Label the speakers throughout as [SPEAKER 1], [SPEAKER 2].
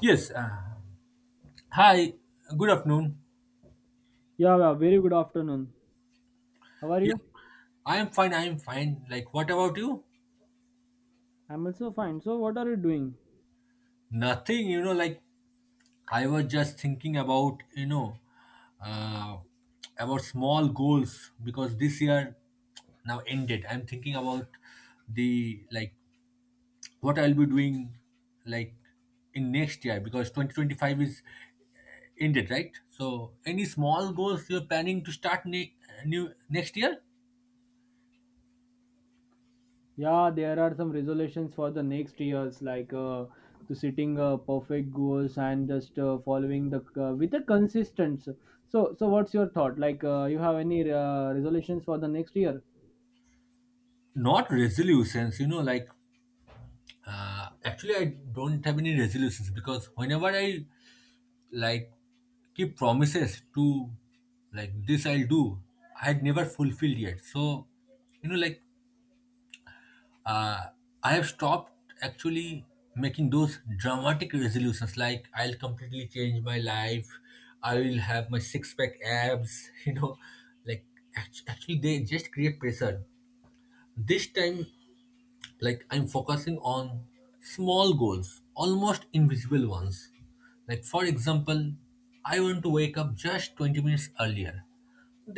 [SPEAKER 1] Yes. Hi. Good afternoon.
[SPEAKER 2] Yeah, yeah, very good afternoon. How are you?
[SPEAKER 1] Yeah, I am fine. I am fine. Like, what about you?
[SPEAKER 2] I'm also fine. So, what are you doing?
[SPEAKER 1] Nothing. I was just thinking about uh, about small goals because this year now ended. I'm thinking about the like what I'll be doing, like, in next year because 2025 is ended, right? So, any small goals you're planning to start new next year?
[SPEAKER 2] Yeah, there are some resolutions for the next years, like to setting perfect goals and just following the with the consistent. So, what's your thought? Like, you have any resolutions for the next year?
[SPEAKER 1] Not resolutions, actually, I don't have any resolutions because whenever I, like, keep promises to, like, this I'll do, I had never fulfilled yet. So, you know, like uh, I have stopped actually making those dramatic resolutions like I'll completely change my life, I will have my six pack abs, like actually they just create pressure. This time, like, I'm focusing on small goals, almost invisible ones. Like, for example, I want to wake up just 20 minutes earlier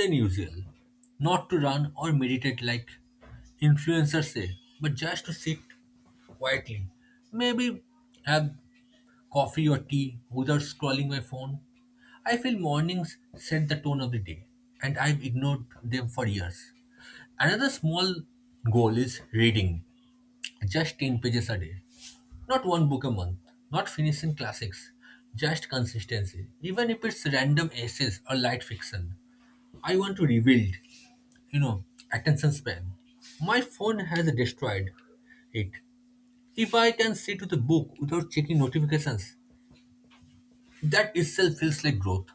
[SPEAKER 1] than usual, not to run or meditate like influencers say, but just to sit quietly, maybe have coffee or tea without scrolling my phone. I feel mornings set the tone of the day, and I've ignored them for years. Another small goal is reading. Just 10 pages a day. Not one book a month. Not finishing classics. Just consistency. Even if it's random essays or light fiction. I want to rebuild, you know, attention span. My phone has destroyed it. If I can sit with a book without checking notifications, that itself feels like growth.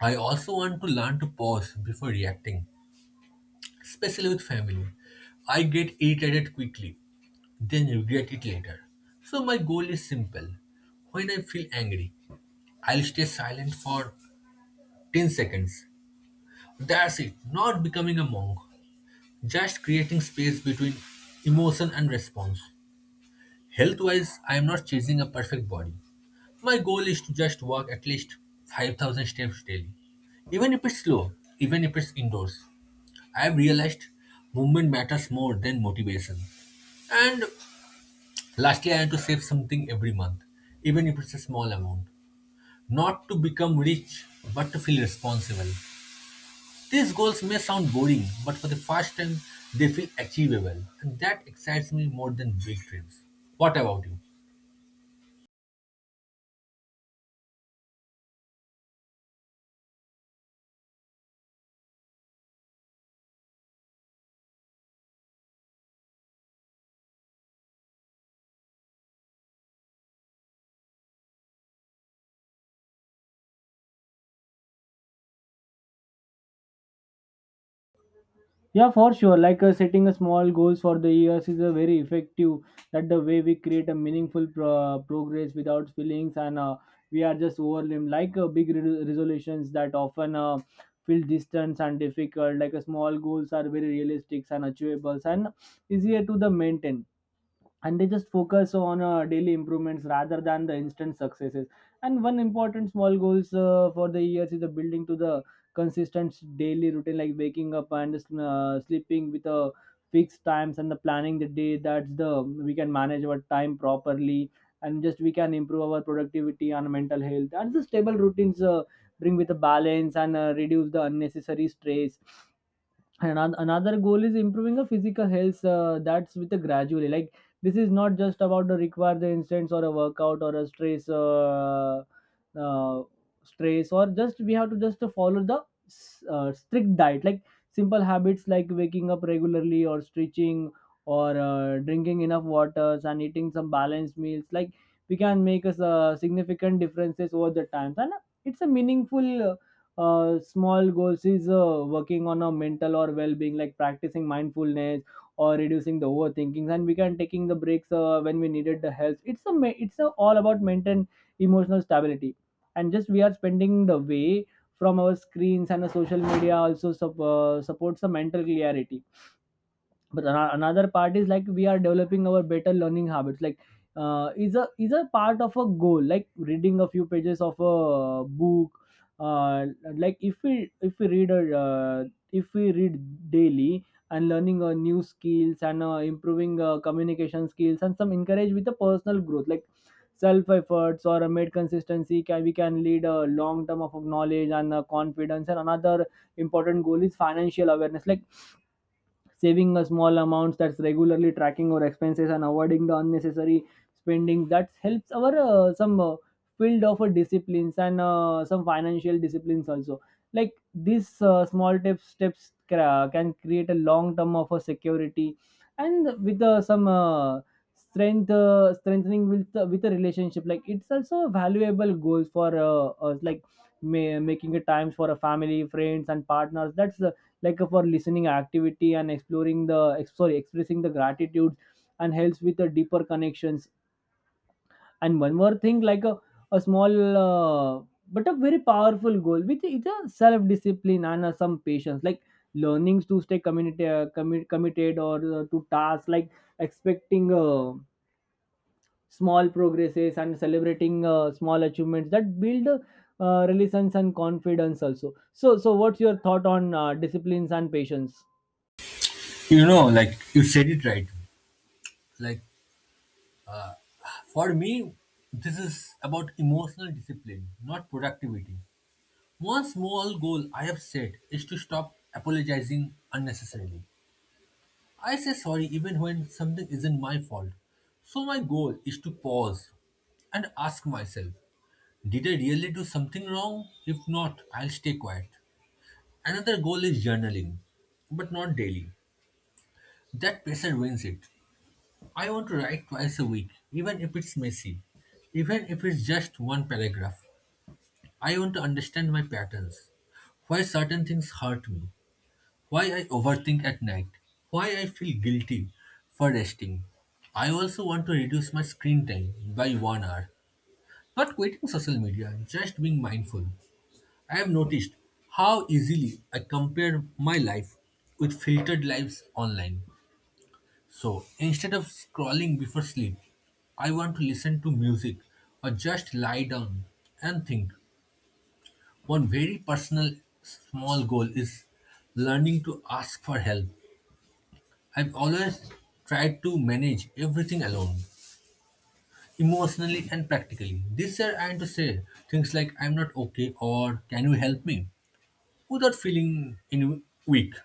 [SPEAKER 1] I also want to learn to pause before reacting, especially with family. I get irritated quickly, then regret it later. So my goal is simple. When I feel angry, I'll stay silent for 10 seconds. That's it, not becoming a monk, just creating space between emotion and response. Health wise, I am not chasing a perfect body. My goal is to just walk at least 5,000 steps daily. Even if it's slow, even if it's indoors, I have realized movement matters more than motivation. And lastly, I had to save something every month, even if it's a small amount. Not to become rich, but to feel responsible. These goals may sound boring, but for the first time, they feel achievable. And that excites me more than big dreams. What about you?
[SPEAKER 2] Yeah, for sure. Like setting a small goals for the years is a very effective. That the way we create a meaningful progress without feelings, and we are just overwhelmed. Like big resolutions that often feel distant and difficult. Like small goals are very realistic and achievable and easier to the maintain, and they just focus on daily improvements rather than the instant successes, and one important small goals for the years is the building to the consistent daily routine like waking up and sleeping with a fixed times and the planning the day that's the we can manage our time properly, and just we can improve our productivity and mental health, and the stable routines bring with a balance and reduce the unnecessary stress. And another goal is improving the physical health that's with a gradually. Like this is not just about the require the instance or a workout or a stress uh, stress, or just we have to just to follow the strict diet, like simple habits like waking up regularly or stretching or drinking enough waters and eating some balanced meals, like we can make us significant differences over the time. And it's a meaningful small goals is working on a mental or well-being like practicing mindfulness or reducing the overthinking, and we can taking the breaks when we needed the help. It's all about maintain emotional stability, and just we are spending the way from our screens, and the social media also supports the mental clarity. But another part is like we are developing our better learning habits, like is a part of a goal like reading a few pages of a book, uh, like if we read a if we read daily, and learning new skills, and improving communication skills, and some encourage with the personal growth like self efforts or a made consistency can we can lead a long term of knowledge and confidence. And another important goal is financial awareness, like saving a small amounts, that's regularly tracking our expenses and avoiding the unnecessary spending, that helps our some field of disciplines, and some financial disciplines also. Like these small tips steps can create a long term of a security, and with some strength strengthening with a relationship, like it's also a valuable goals for us, like making a times for a family friends and partners, that's like for listening activity and exploring the ex- sorry expressing the gratitude and helps with the deeper connections. And one more thing, like a small but a very powerful goal with it's a self discipline and some patience, like learnings to stay committed or to tasks, like expecting small progresses and celebrating small achievements that build relations and confidence also. So, what's your thought on disciplines and patience?
[SPEAKER 1] You know, like, you said it right. Like, for me, this is about emotional discipline, not productivity. One small goal I have set is to stop apologizing unnecessarily. I say sorry even when something isn't my fault. So my goal is to pause and ask myself, did I really do something wrong? If not, I'll stay quiet. Another goal is journaling, but not daily. That pressure wins it. I want to write twice a week, even if it's messy, even if it's just one paragraph. I want to understand my patterns, why certain things hurt me, why I overthink at night, why I feel guilty for resting. I also want to reduce my screen time by one hour. Not quitting social media, just being mindful. I have noticed how easily I compare my life with filtered lives online. So instead of scrolling before sleep, I want to listen to music or just lie down and think. One very personal small goal is learning to ask for help. I've always tried to manage everything alone, emotionally and practically. This year I had to say things like I'm not okay or can you help me without feeling in weak.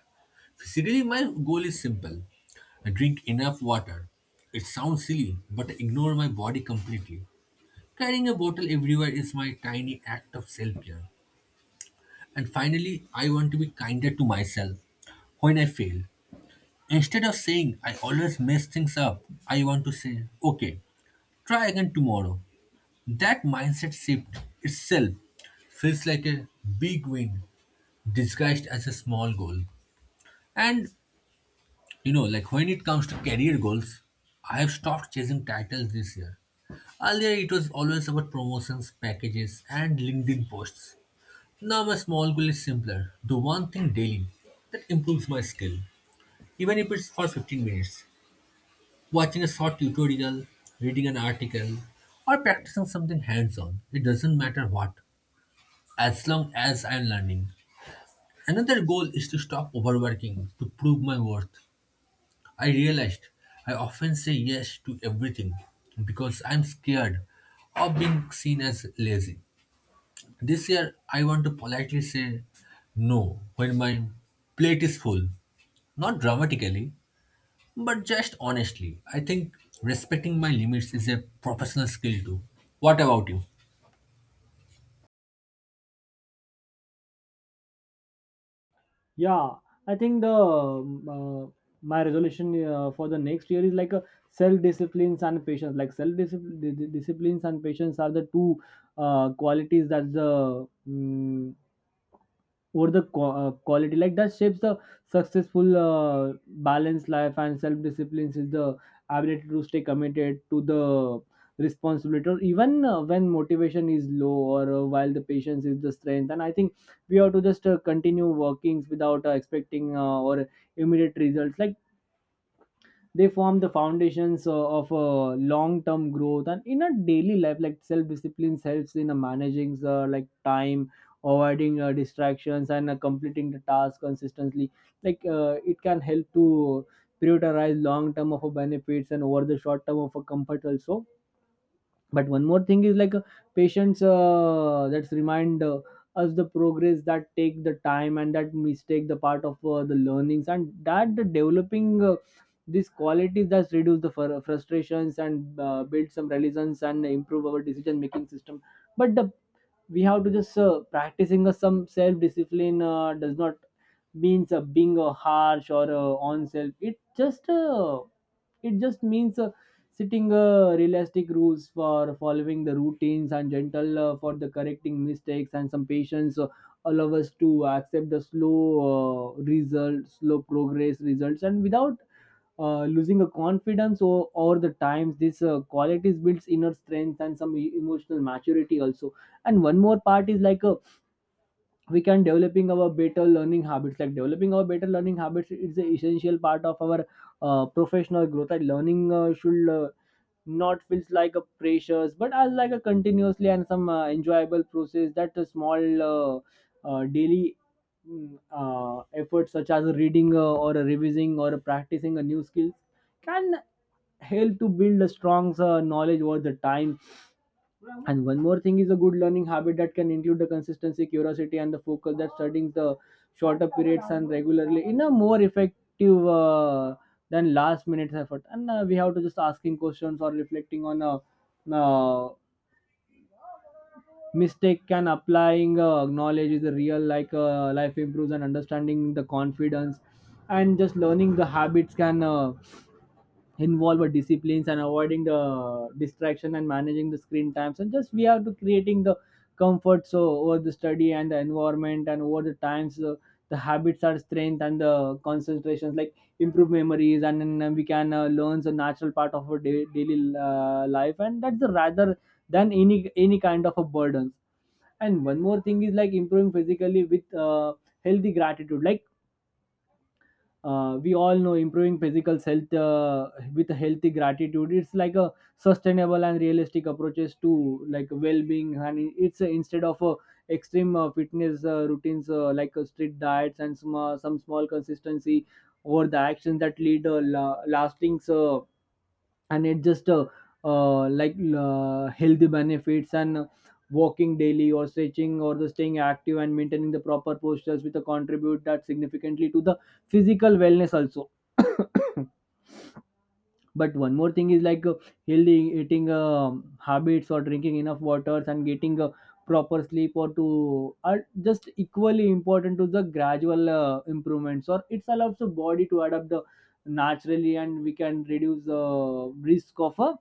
[SPEAKER 1] Physically, my goal is simple. I drink enough water. It sounds silly, but I ignore my body completely. Carrying a bottle everywhere is my tiny act of self care. And finally, I want to be kinder to myself when I fail. Instead of saying, I always mess things up, I want to say, okay, try again tomorrow. That mindset shift itself feels like a big win disguised as a small goal. And, you know, like, when it comes to career goals, I have stopped chasing titles this year. Earlier, it was always about promotions, packages, and LinkedIn posts. Now, my small goal is simpler: do one thing daily that improves my skill, even if it's for 15 minutes. Watching a short tutorial, reading an article, or practicing something hands on, it doesn't matter what, as long as I'm learning. Another goal is to stop overworking to prove my worth. I realized I often say yes to everything because I'm scared of being seen as lazy. This year, I want to politely say no when my plate is full, not dramatically, but just honestly. I think respecting my limits is a professional skill too. What about you?
[SPEAKER 2] Yeah, I think the my resolution for the next year is like a self disciplines and patience. Like self disciplines and patience are the two qualities that the quality like that shapes the successful balanced life, and self discipline is the ability to stay committed to the responsibility or even when motivation is low, or while the patience is the strength. And I think we have to just continue workings without expecting or immediate results, like they form the foundations of long-term growth. And in a daily life, like self-discipline helps in managing like time, avoiding distractions, and completing the task consistently, like it can help to prioritize long term of a benefits and over the short term of a comfort also. But one more thing is like patients that's remind us the progress that take the time, and that mistake the part of the learnings, and that the developing these qualities that reduce the frustrations and build some resilience and improve our decision making system. but the, we have to just practicing some self discipline does not means being harsh or on self. It just it just means setting realistic rules for following the routines, and gentle for the correcting mistakes, and some patience allow us to accept the slow results slow progress results and without losing a confidence over the times. This qualities builds inner strength and some emotional maturity also. And one more part is like a we can developing our better learning habits, like developing our better learning habits is an essential part of our professional growth, and learning should not feels like a pressures, but as like a continuously and some enjoyable process, that a small daily efforts such as reading or revising or practicing a new skills can help to build a strong knowledge over the time. And one more thing is a good learning habit that can include the consistency, curiosity, and the focus, that studying the shorter periods and regularly in a more effective than last minute effort. And we have to just asking questions or reflecting on a uh, mistake and applying knowledge is a real, like life improves and understanding the confidence, and just learning the habits can. Involve a disciplines and avoiding the distraction and managing the screen times, and just we have to creating the comfort so over the study and the environment, and over the times the habits are strength and the concentrations like improve memories, and then we can learn the natural part of our daily life, and that's the rather than any kind of a burden. And one more thing is like improving physically with healthy gratitude, like we all know improving physical health with a healthy gratitude, it's like a sustainable and realistic approaches to like well-being, and it's instead of extreme fitness routines like strict diets and some small consistency over the actions that lead lasting and it just like healthy benefits and walking daily or stretching or the staying active and maintaining the proper postures with a contribute that significantly to the physical wellness also. But one more thing is like healthy eating habits or drinking enough waters and getting a proper sleep or to are just equally important to the gradual improvements, or it allows the body to adapt the naturally, and we can reduce the risk of a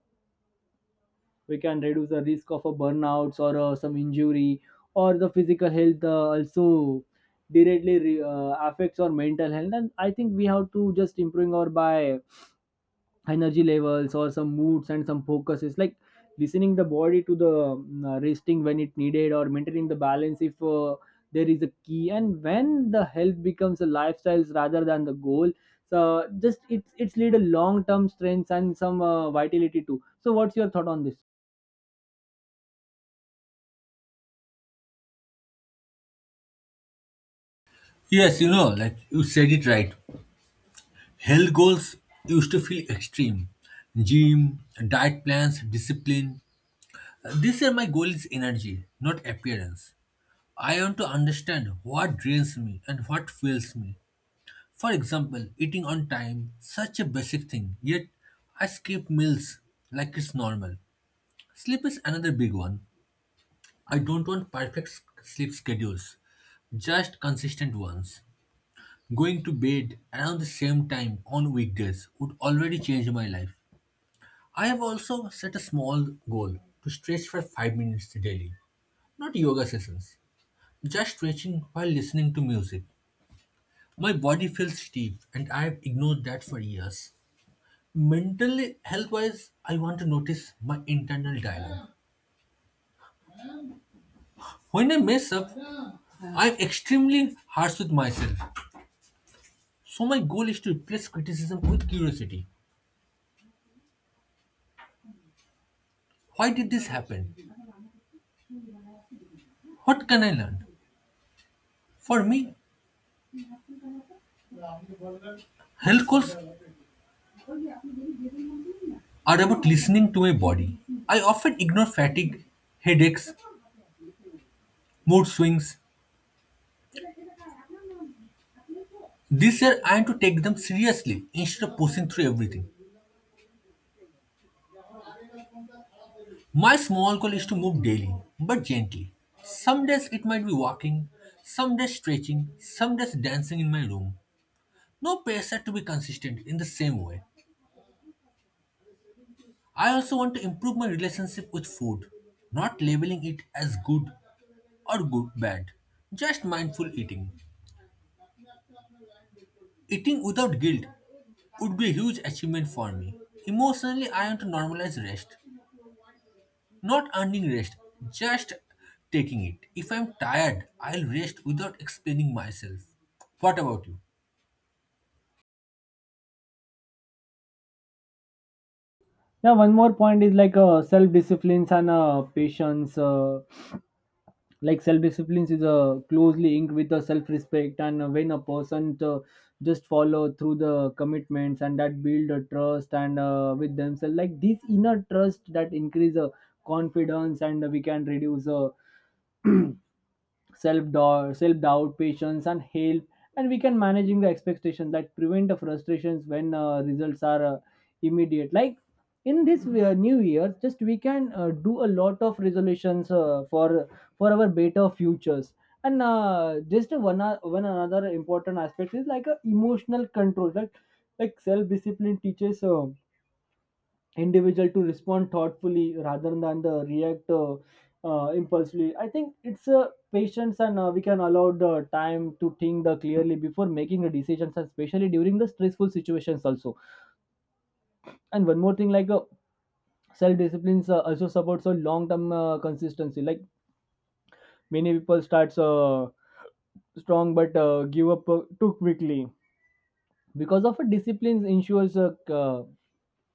[SPEAKER 2] we can reduce the risk of a burnouts or some injury or the physical health also directly affects our mental health. And I think we have to just improving our by energy levels or some moods and some focuses, like listening the body to the resting when it needed or maintaining the balance if there is a key, and when the health becomes a lifestyle rather than the goal, so just it's lead a long term strength and some vitality too. So what's your thought on this?
[SPEAKER 1] Yes, you know, like, you said it right. Health goals used to feel extreme. Gym, diet plans, discipline. This year my goal is energy, not appearance. I want to understand what drains me and what fuels me. For example, eating on time, such a basic thing, yet I skip meals like it's normal. Sleep is another big one. I don't want perfect sleep schedules, just consistent ones. Going to bed around the same time on weekdays would already change my life. I have also set a small goal to stretch for 5 minutes daily, not yoga sessions, just stretching while listening to music. My body feels stiff and I have ignored that for years. Mentally, health wise, I want to notice my internal dialogue. When I mess up, I'm extremely harsh with myself. So my goal is to replace criticism with curiosity. Why did this happen? What can I learn? For me, health goals are about listening to my body. I often ignore fatigue, headaches, mood swings. This year I am to take them seriously instead of pushing through everything. My small goal is to move daily, but gently. Some days it might be walking, some days stretching, some days dancing in my room. No pressure to be consistent in the same way. I also want to improve my relationship with food, not labeling it as good or good bad, just mindful eating. Eating without guilt would be a huge achievement for me. Emotionally, I want to normalize rest, not earning rest, just taking it. If I'm tired, I'll rest without explaining myself. What about you?
[SPEAKER 2] Yeah, one more point is like self disciplines and patience like self disciplines is closely linked with the self respect, and when a person just follow through the commitments and that build a trust and with themselves, like this inner trust that increase confidence, and we can reduce self-doubt, self-doubt patience and help, and we can managing the expectation that prevent the frustrations when results are immediate. Like in this new year just we can do a lot of resolutions for our better futures. And just one another important aspect is like emotional control, like self-discipline teaches individual to respond thoughtfully rather than the react impulsively. I think it's a patience, and we can allow the time to think the clearly before making the decisions, and especially during the stressful situations also. And one more thing like self disciplines also supports a long term consistency like Many people starts strong but give up too quickly because of a disciplines ensures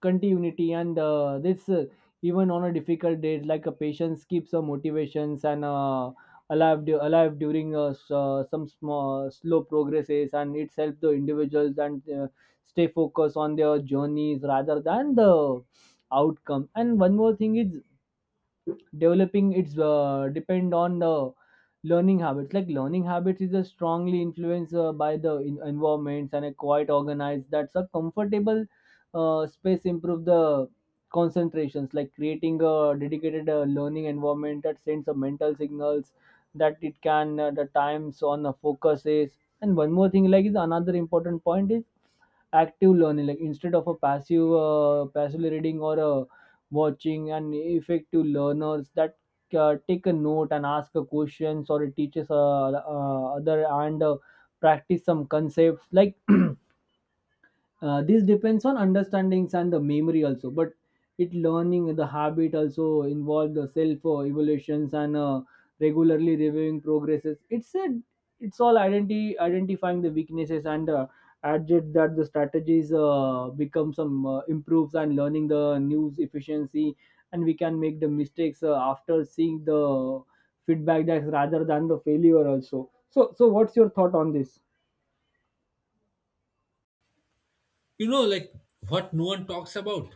[SPEAKER 2] continuity and this even on a difficult day like a patience keeps a motivations alive during some small slow progresses, and it helps the individuals and stay focused on their journeys rather than the outcome. And one more thing is developing it's depend on the learning habits. Like learning habits is a strongly influenced by the environments, and a quite organized that's a comfortable space improve the concentrations, like creating a dedicated learning environment that sends a mental signals that it can the times on the focus is. And one more thing like is another important point is active learning, like instead of a passively reading or a watching, and effective learners that take a note and ask a questions or it teaches other, and practice some concepts. Like this depends on understandings and the memory also. But it learning the habit also involve the self evaluations, and regularly reviewing progresses. It's a it's all identity identifying the weaknesses and adjust that the strategies become some improves and learning the news efficiency. And we can make the mistakes after seeing the feedback that rather than the failure also. So what's your thought on this?
[SPEAKER 1] You know, like, what no one talks about?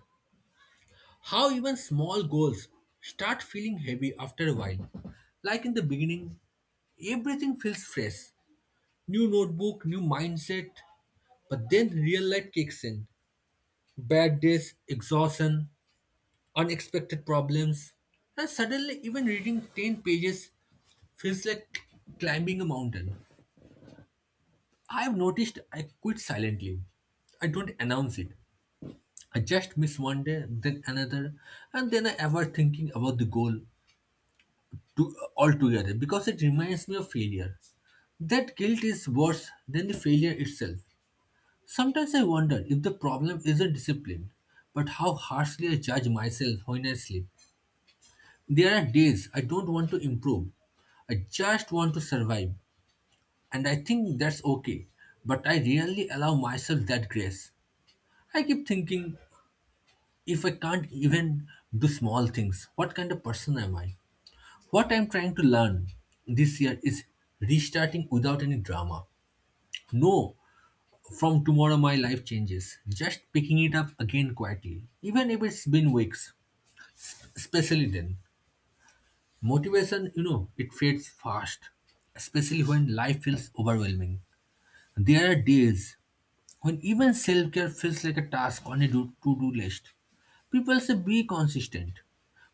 [SPEAKER 1] How even small goals start feeling heavy after a while. Like, in the beginning, everything feels fresh, new notebook, new mindset. But then real life kicks in, bad days, exhaustion, unexpected problems. And suddenly, even reading 10 pages feels like climbing a mountain. I've noticed I quit silently. I don't announce it. I just miss one day, then another, and then I ever thinking about the goal to altogether because it reminds me of failure. That guilt is worse than the failure itself. Sometimes I wonder if the problem isn't discipline, but how harshly I judge myself when I sleep. There are days I don't want to improve. I just want to survive, and I think that's okay, but I rarely allow myself that grace. I keep thinking, if I can't even do small things, what kind of person am I? What I'm trying to learn this year is restarting without any drama. No, from tomorrow my life changes. Just picking it up again quietly, even if it's been weeks. Especially then. Motivation, you know, it fades fast, especially when life feels overwhelming. There are days when even self care feels like a task on a to do list. People say be consistent,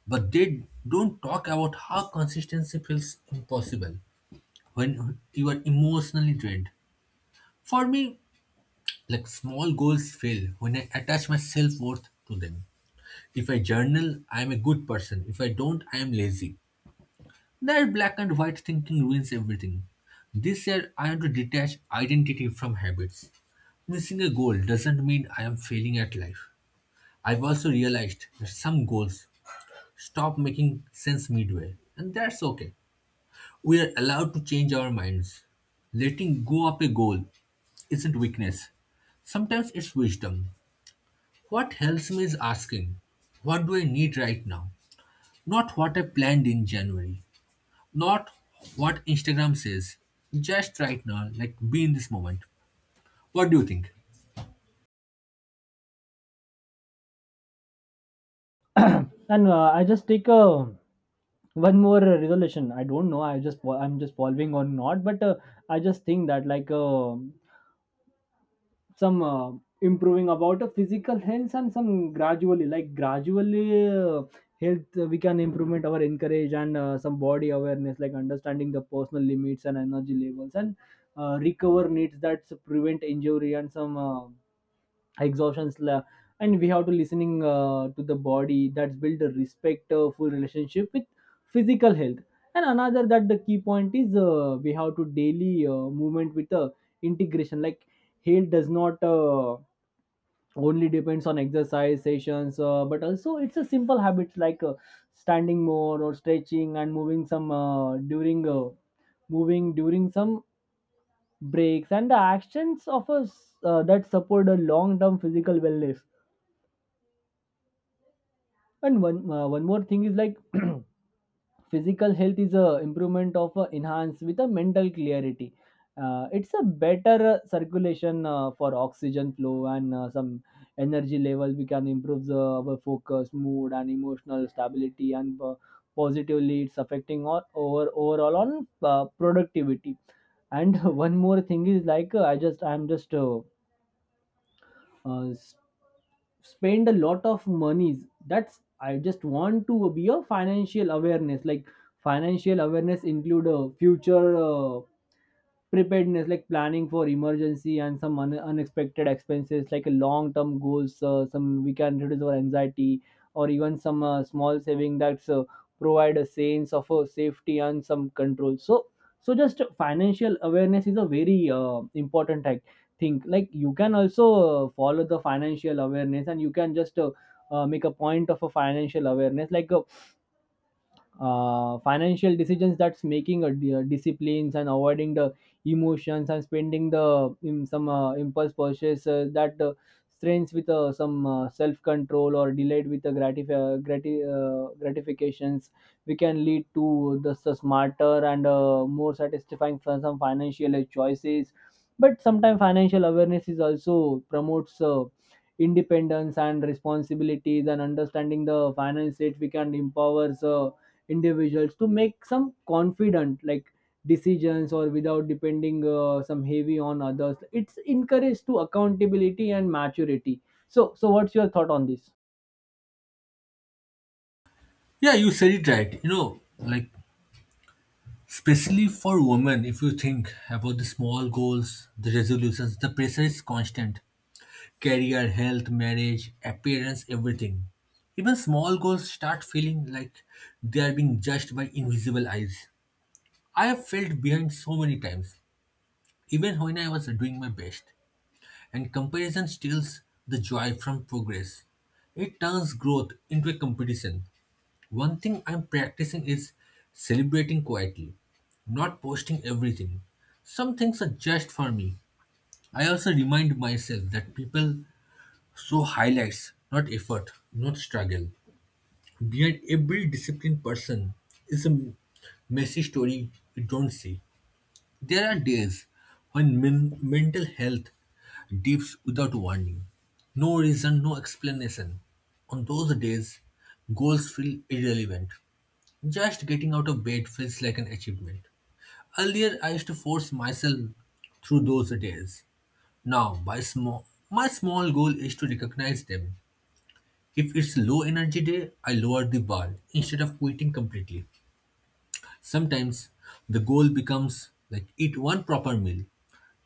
[SPEAKER 1] but they don't talk about how consistency feels impossible when you are emotionally drained. For me, like, small goals fail when I attach my self worth to them. If I journal, I am a good person. If I don't, I am lazy. That black and white thinking ruins everything. This year, I want to detach identity from habits. Missing a goal doesn't mean I am failing at life. I've also realized that some goals stop making sense midway, and that's okay. We are allowed to change our minds. Letting go of a goal isn't weakness, sometimes it's wisdom. What helps me is asking, what do I need right now? Not what I planned in January, not what Instagram says, just right now, like, be in this moment. What do you think?
[SPEAKER 2] And I just take a one more resolution. I don't know, I just I'm just following or not, but I just think that like some improving about physical health and some gradually health we can improvement our encourage, and some body awareness like understanding the personal limits and energy levels, and recover needs that prevent injury and some exhaustions and we have to listening to the body that's build a respectful relationship with physical health. And another that the key point is we have to daily movement with the integration. Like health does not only depends on exercise sessions, but also it's a simple habits like standing more or stretching and moving some during moving during some breaks and the actions of us that support a long term physical wellness. And one more thing is like physical health is a improvement of enhance with a mental clarity. It's a better circulation for oxygen flow, and some energy level. We can improve the, our focus, mood, and emotional stability, and positively it's affecting all over overall on productivity. And one more thing is like I just uh, s- spend a lot of monies, that's I just want to be a financial awareness. Like financial awareness include a future preparedness, like planning for emergency and some unexpected expenses like a long term goals. Some we can reduce our anxiety or even some small saving that's provide a sense of safety and some control. So just financial awareness is a very important, I think. Like you can also follow the financial awareness, and you can just make a point of a financial awareness like financial decisions, that's making a disciplines and avoiding the emotions and spending the in some impulse purchase that strains with some self control or delayed with the gratifications. We can lead to the, smarter and more satisfying for some financial choices. But sometimes financial awareness is also promotes independence and responsibilities, and understanding the finance it we can empower individuals to make some confident like decisions or without depending some heavy on others. It's encouraged to accountability and maturity. So what's your thought on this?
[SPEAKER 1] Yeah, you said it right. You know, like, especially for women, if you think about the small goals, the resolutions, the pressure is constant, career, health, marriage, appearance, everything. Even small goals start feeling like they are being judged by invisible eyes. I have felt behind so many times, even when I was doing my best, and comparison steals the joy from progress. It turns growth into a competition. One thing I'm practicing is celebrating quietly, not posting everything. Some things are just for me. I also remind myself that people show highlights, not effort, not struggle. Behind every disciplined person is a messy story you don't see. There are days when mental health dips without warning. No reason, no explanation. On those days, goals feel irrelevant. Just getting out of bed feels like an achievement. Earlier, I used to force myself through those days. Now, by small, my small goal is to recognize them. If it's low energy day, I lower the bar instead of quitting completely. Sometimes the goal becomes like, eat one proper meal,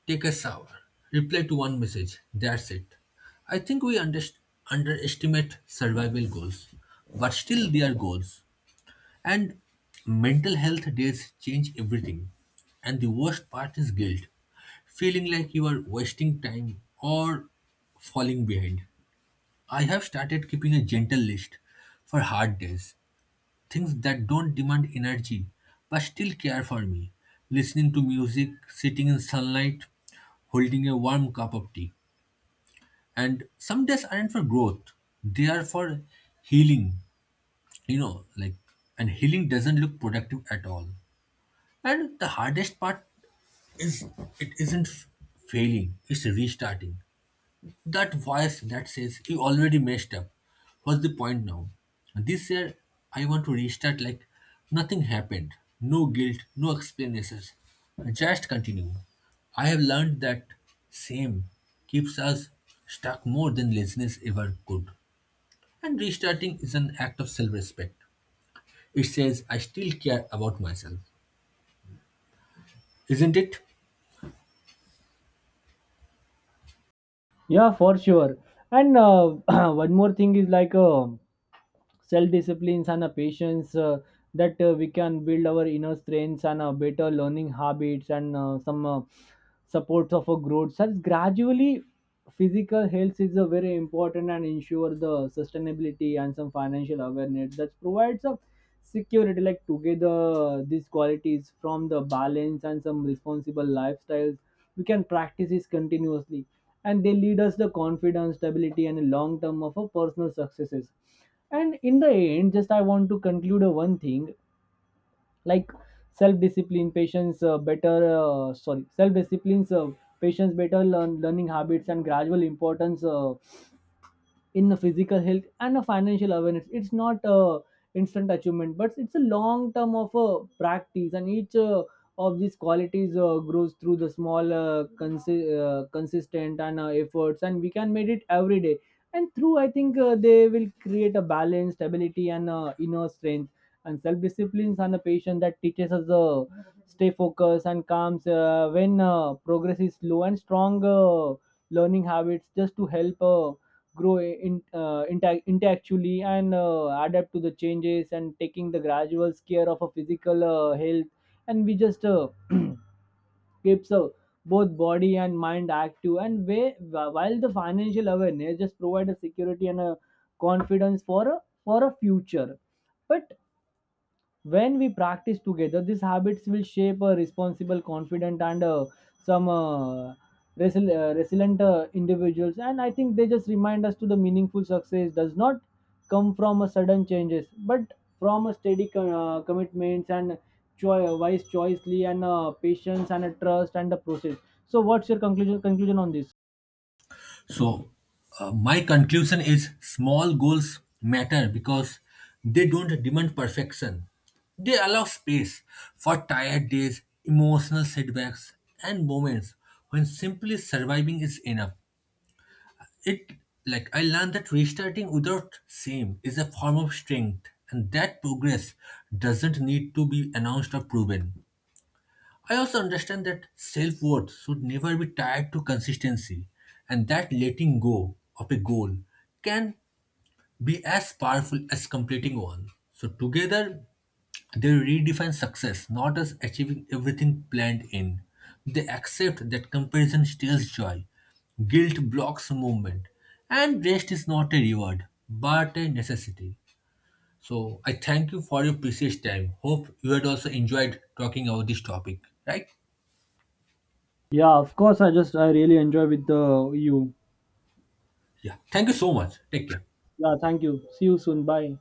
[SPEAKER 1] take a shower, reply to one message. That's it. I think we underestimate survival goals, but still they are goals. And mental health days change everything. And the worst part is guilt. Feeling like you are wasting time or falling behind. I have started keeping a gentle list for hard days. Things that don't demand energy but still care for me. Listening to music, sitting in sunlight, holding a warm cup of tea. And some days aren't for growth, they are for healing, you know, like, and healing doesn't look productive at all. And the hardest part is, it isn't failing, it's restarting. That voice that says you already messed up. What's the point now? This year I want to restart like nothing happened. No guilt, no explanations. Just continue. I have learned that same keeps us stuck more than laziness ever could. And restarting is an act of self respect. It says I still care about myself. Isn't it?
[SPEAKER 2] Yeah, for sure. And one more thing is like self disciplines and a patience that we can build our inner strengths, and better learning habits, and some supports of a growth such gradually. Physical health is a very important and ensure the sustainability, and some financial awareness that provides a security. Like together these qualities from the balance and some responsible lifestyles, we can practice this continuously, and they lead us the confidence stability and long term of a personal successes. And in the end, just I want to conclude one thing, like self discipline patience better sorry, self disciplines patience, better learning habits and gradual importance in the physical health and a financial awareness. It's not a instant achievement, but it's a long term of a practice, and each of these qualities grows through the small, consistent, and efforts, and we can make it every day. And through, I think they will create a balance, stability, and inner strength, and self disciplines and a patience that teaches us stay focused and calms when progress is slow and strong. Learning habits just to help. Grow in, intellectually, and adapt to the changes, and taking the gradual care of a physical health, and we just keeps both body and mind active and way, while the financial awareness just provide a security and a confidence for a future. But when we practice together these habits will shape a responsible confident and some resilient individuals, and I think they just remind us to the meaningful success does not come from a sudden changes but from a steady commitments and wise choicely and patience and a trust and a process. So what's your conclusion on this?
[SPEAKER 1] So, my conclusion is small goals matter because they don't demand perfection. They allow space for tired days, emotional setbacks, and moments when simply surviving is enough. It, like, I learned that restarting without shame is a form of strength, and that progress doesn't need to be announced or proven. I also understand that self worth should never be tied to consistency, and that letting go of a goal can be as powerful as completing one. So, together, they redefine success not as achieving everything planned in. They accept that comparison steals joy, guilt blocks movement, and rest is not a reward but a necessity. So, I thank you for your precious time. Hope you had also enjoyed talking about this topic, right?
[SPEAKER 2] Yeah, of course, I just I really enjoy with you.
[SPEAKER 1] Yeah. Thank you so much. Take care.
[SPEAKER 2] Yeah, thank you, see you soon, bye.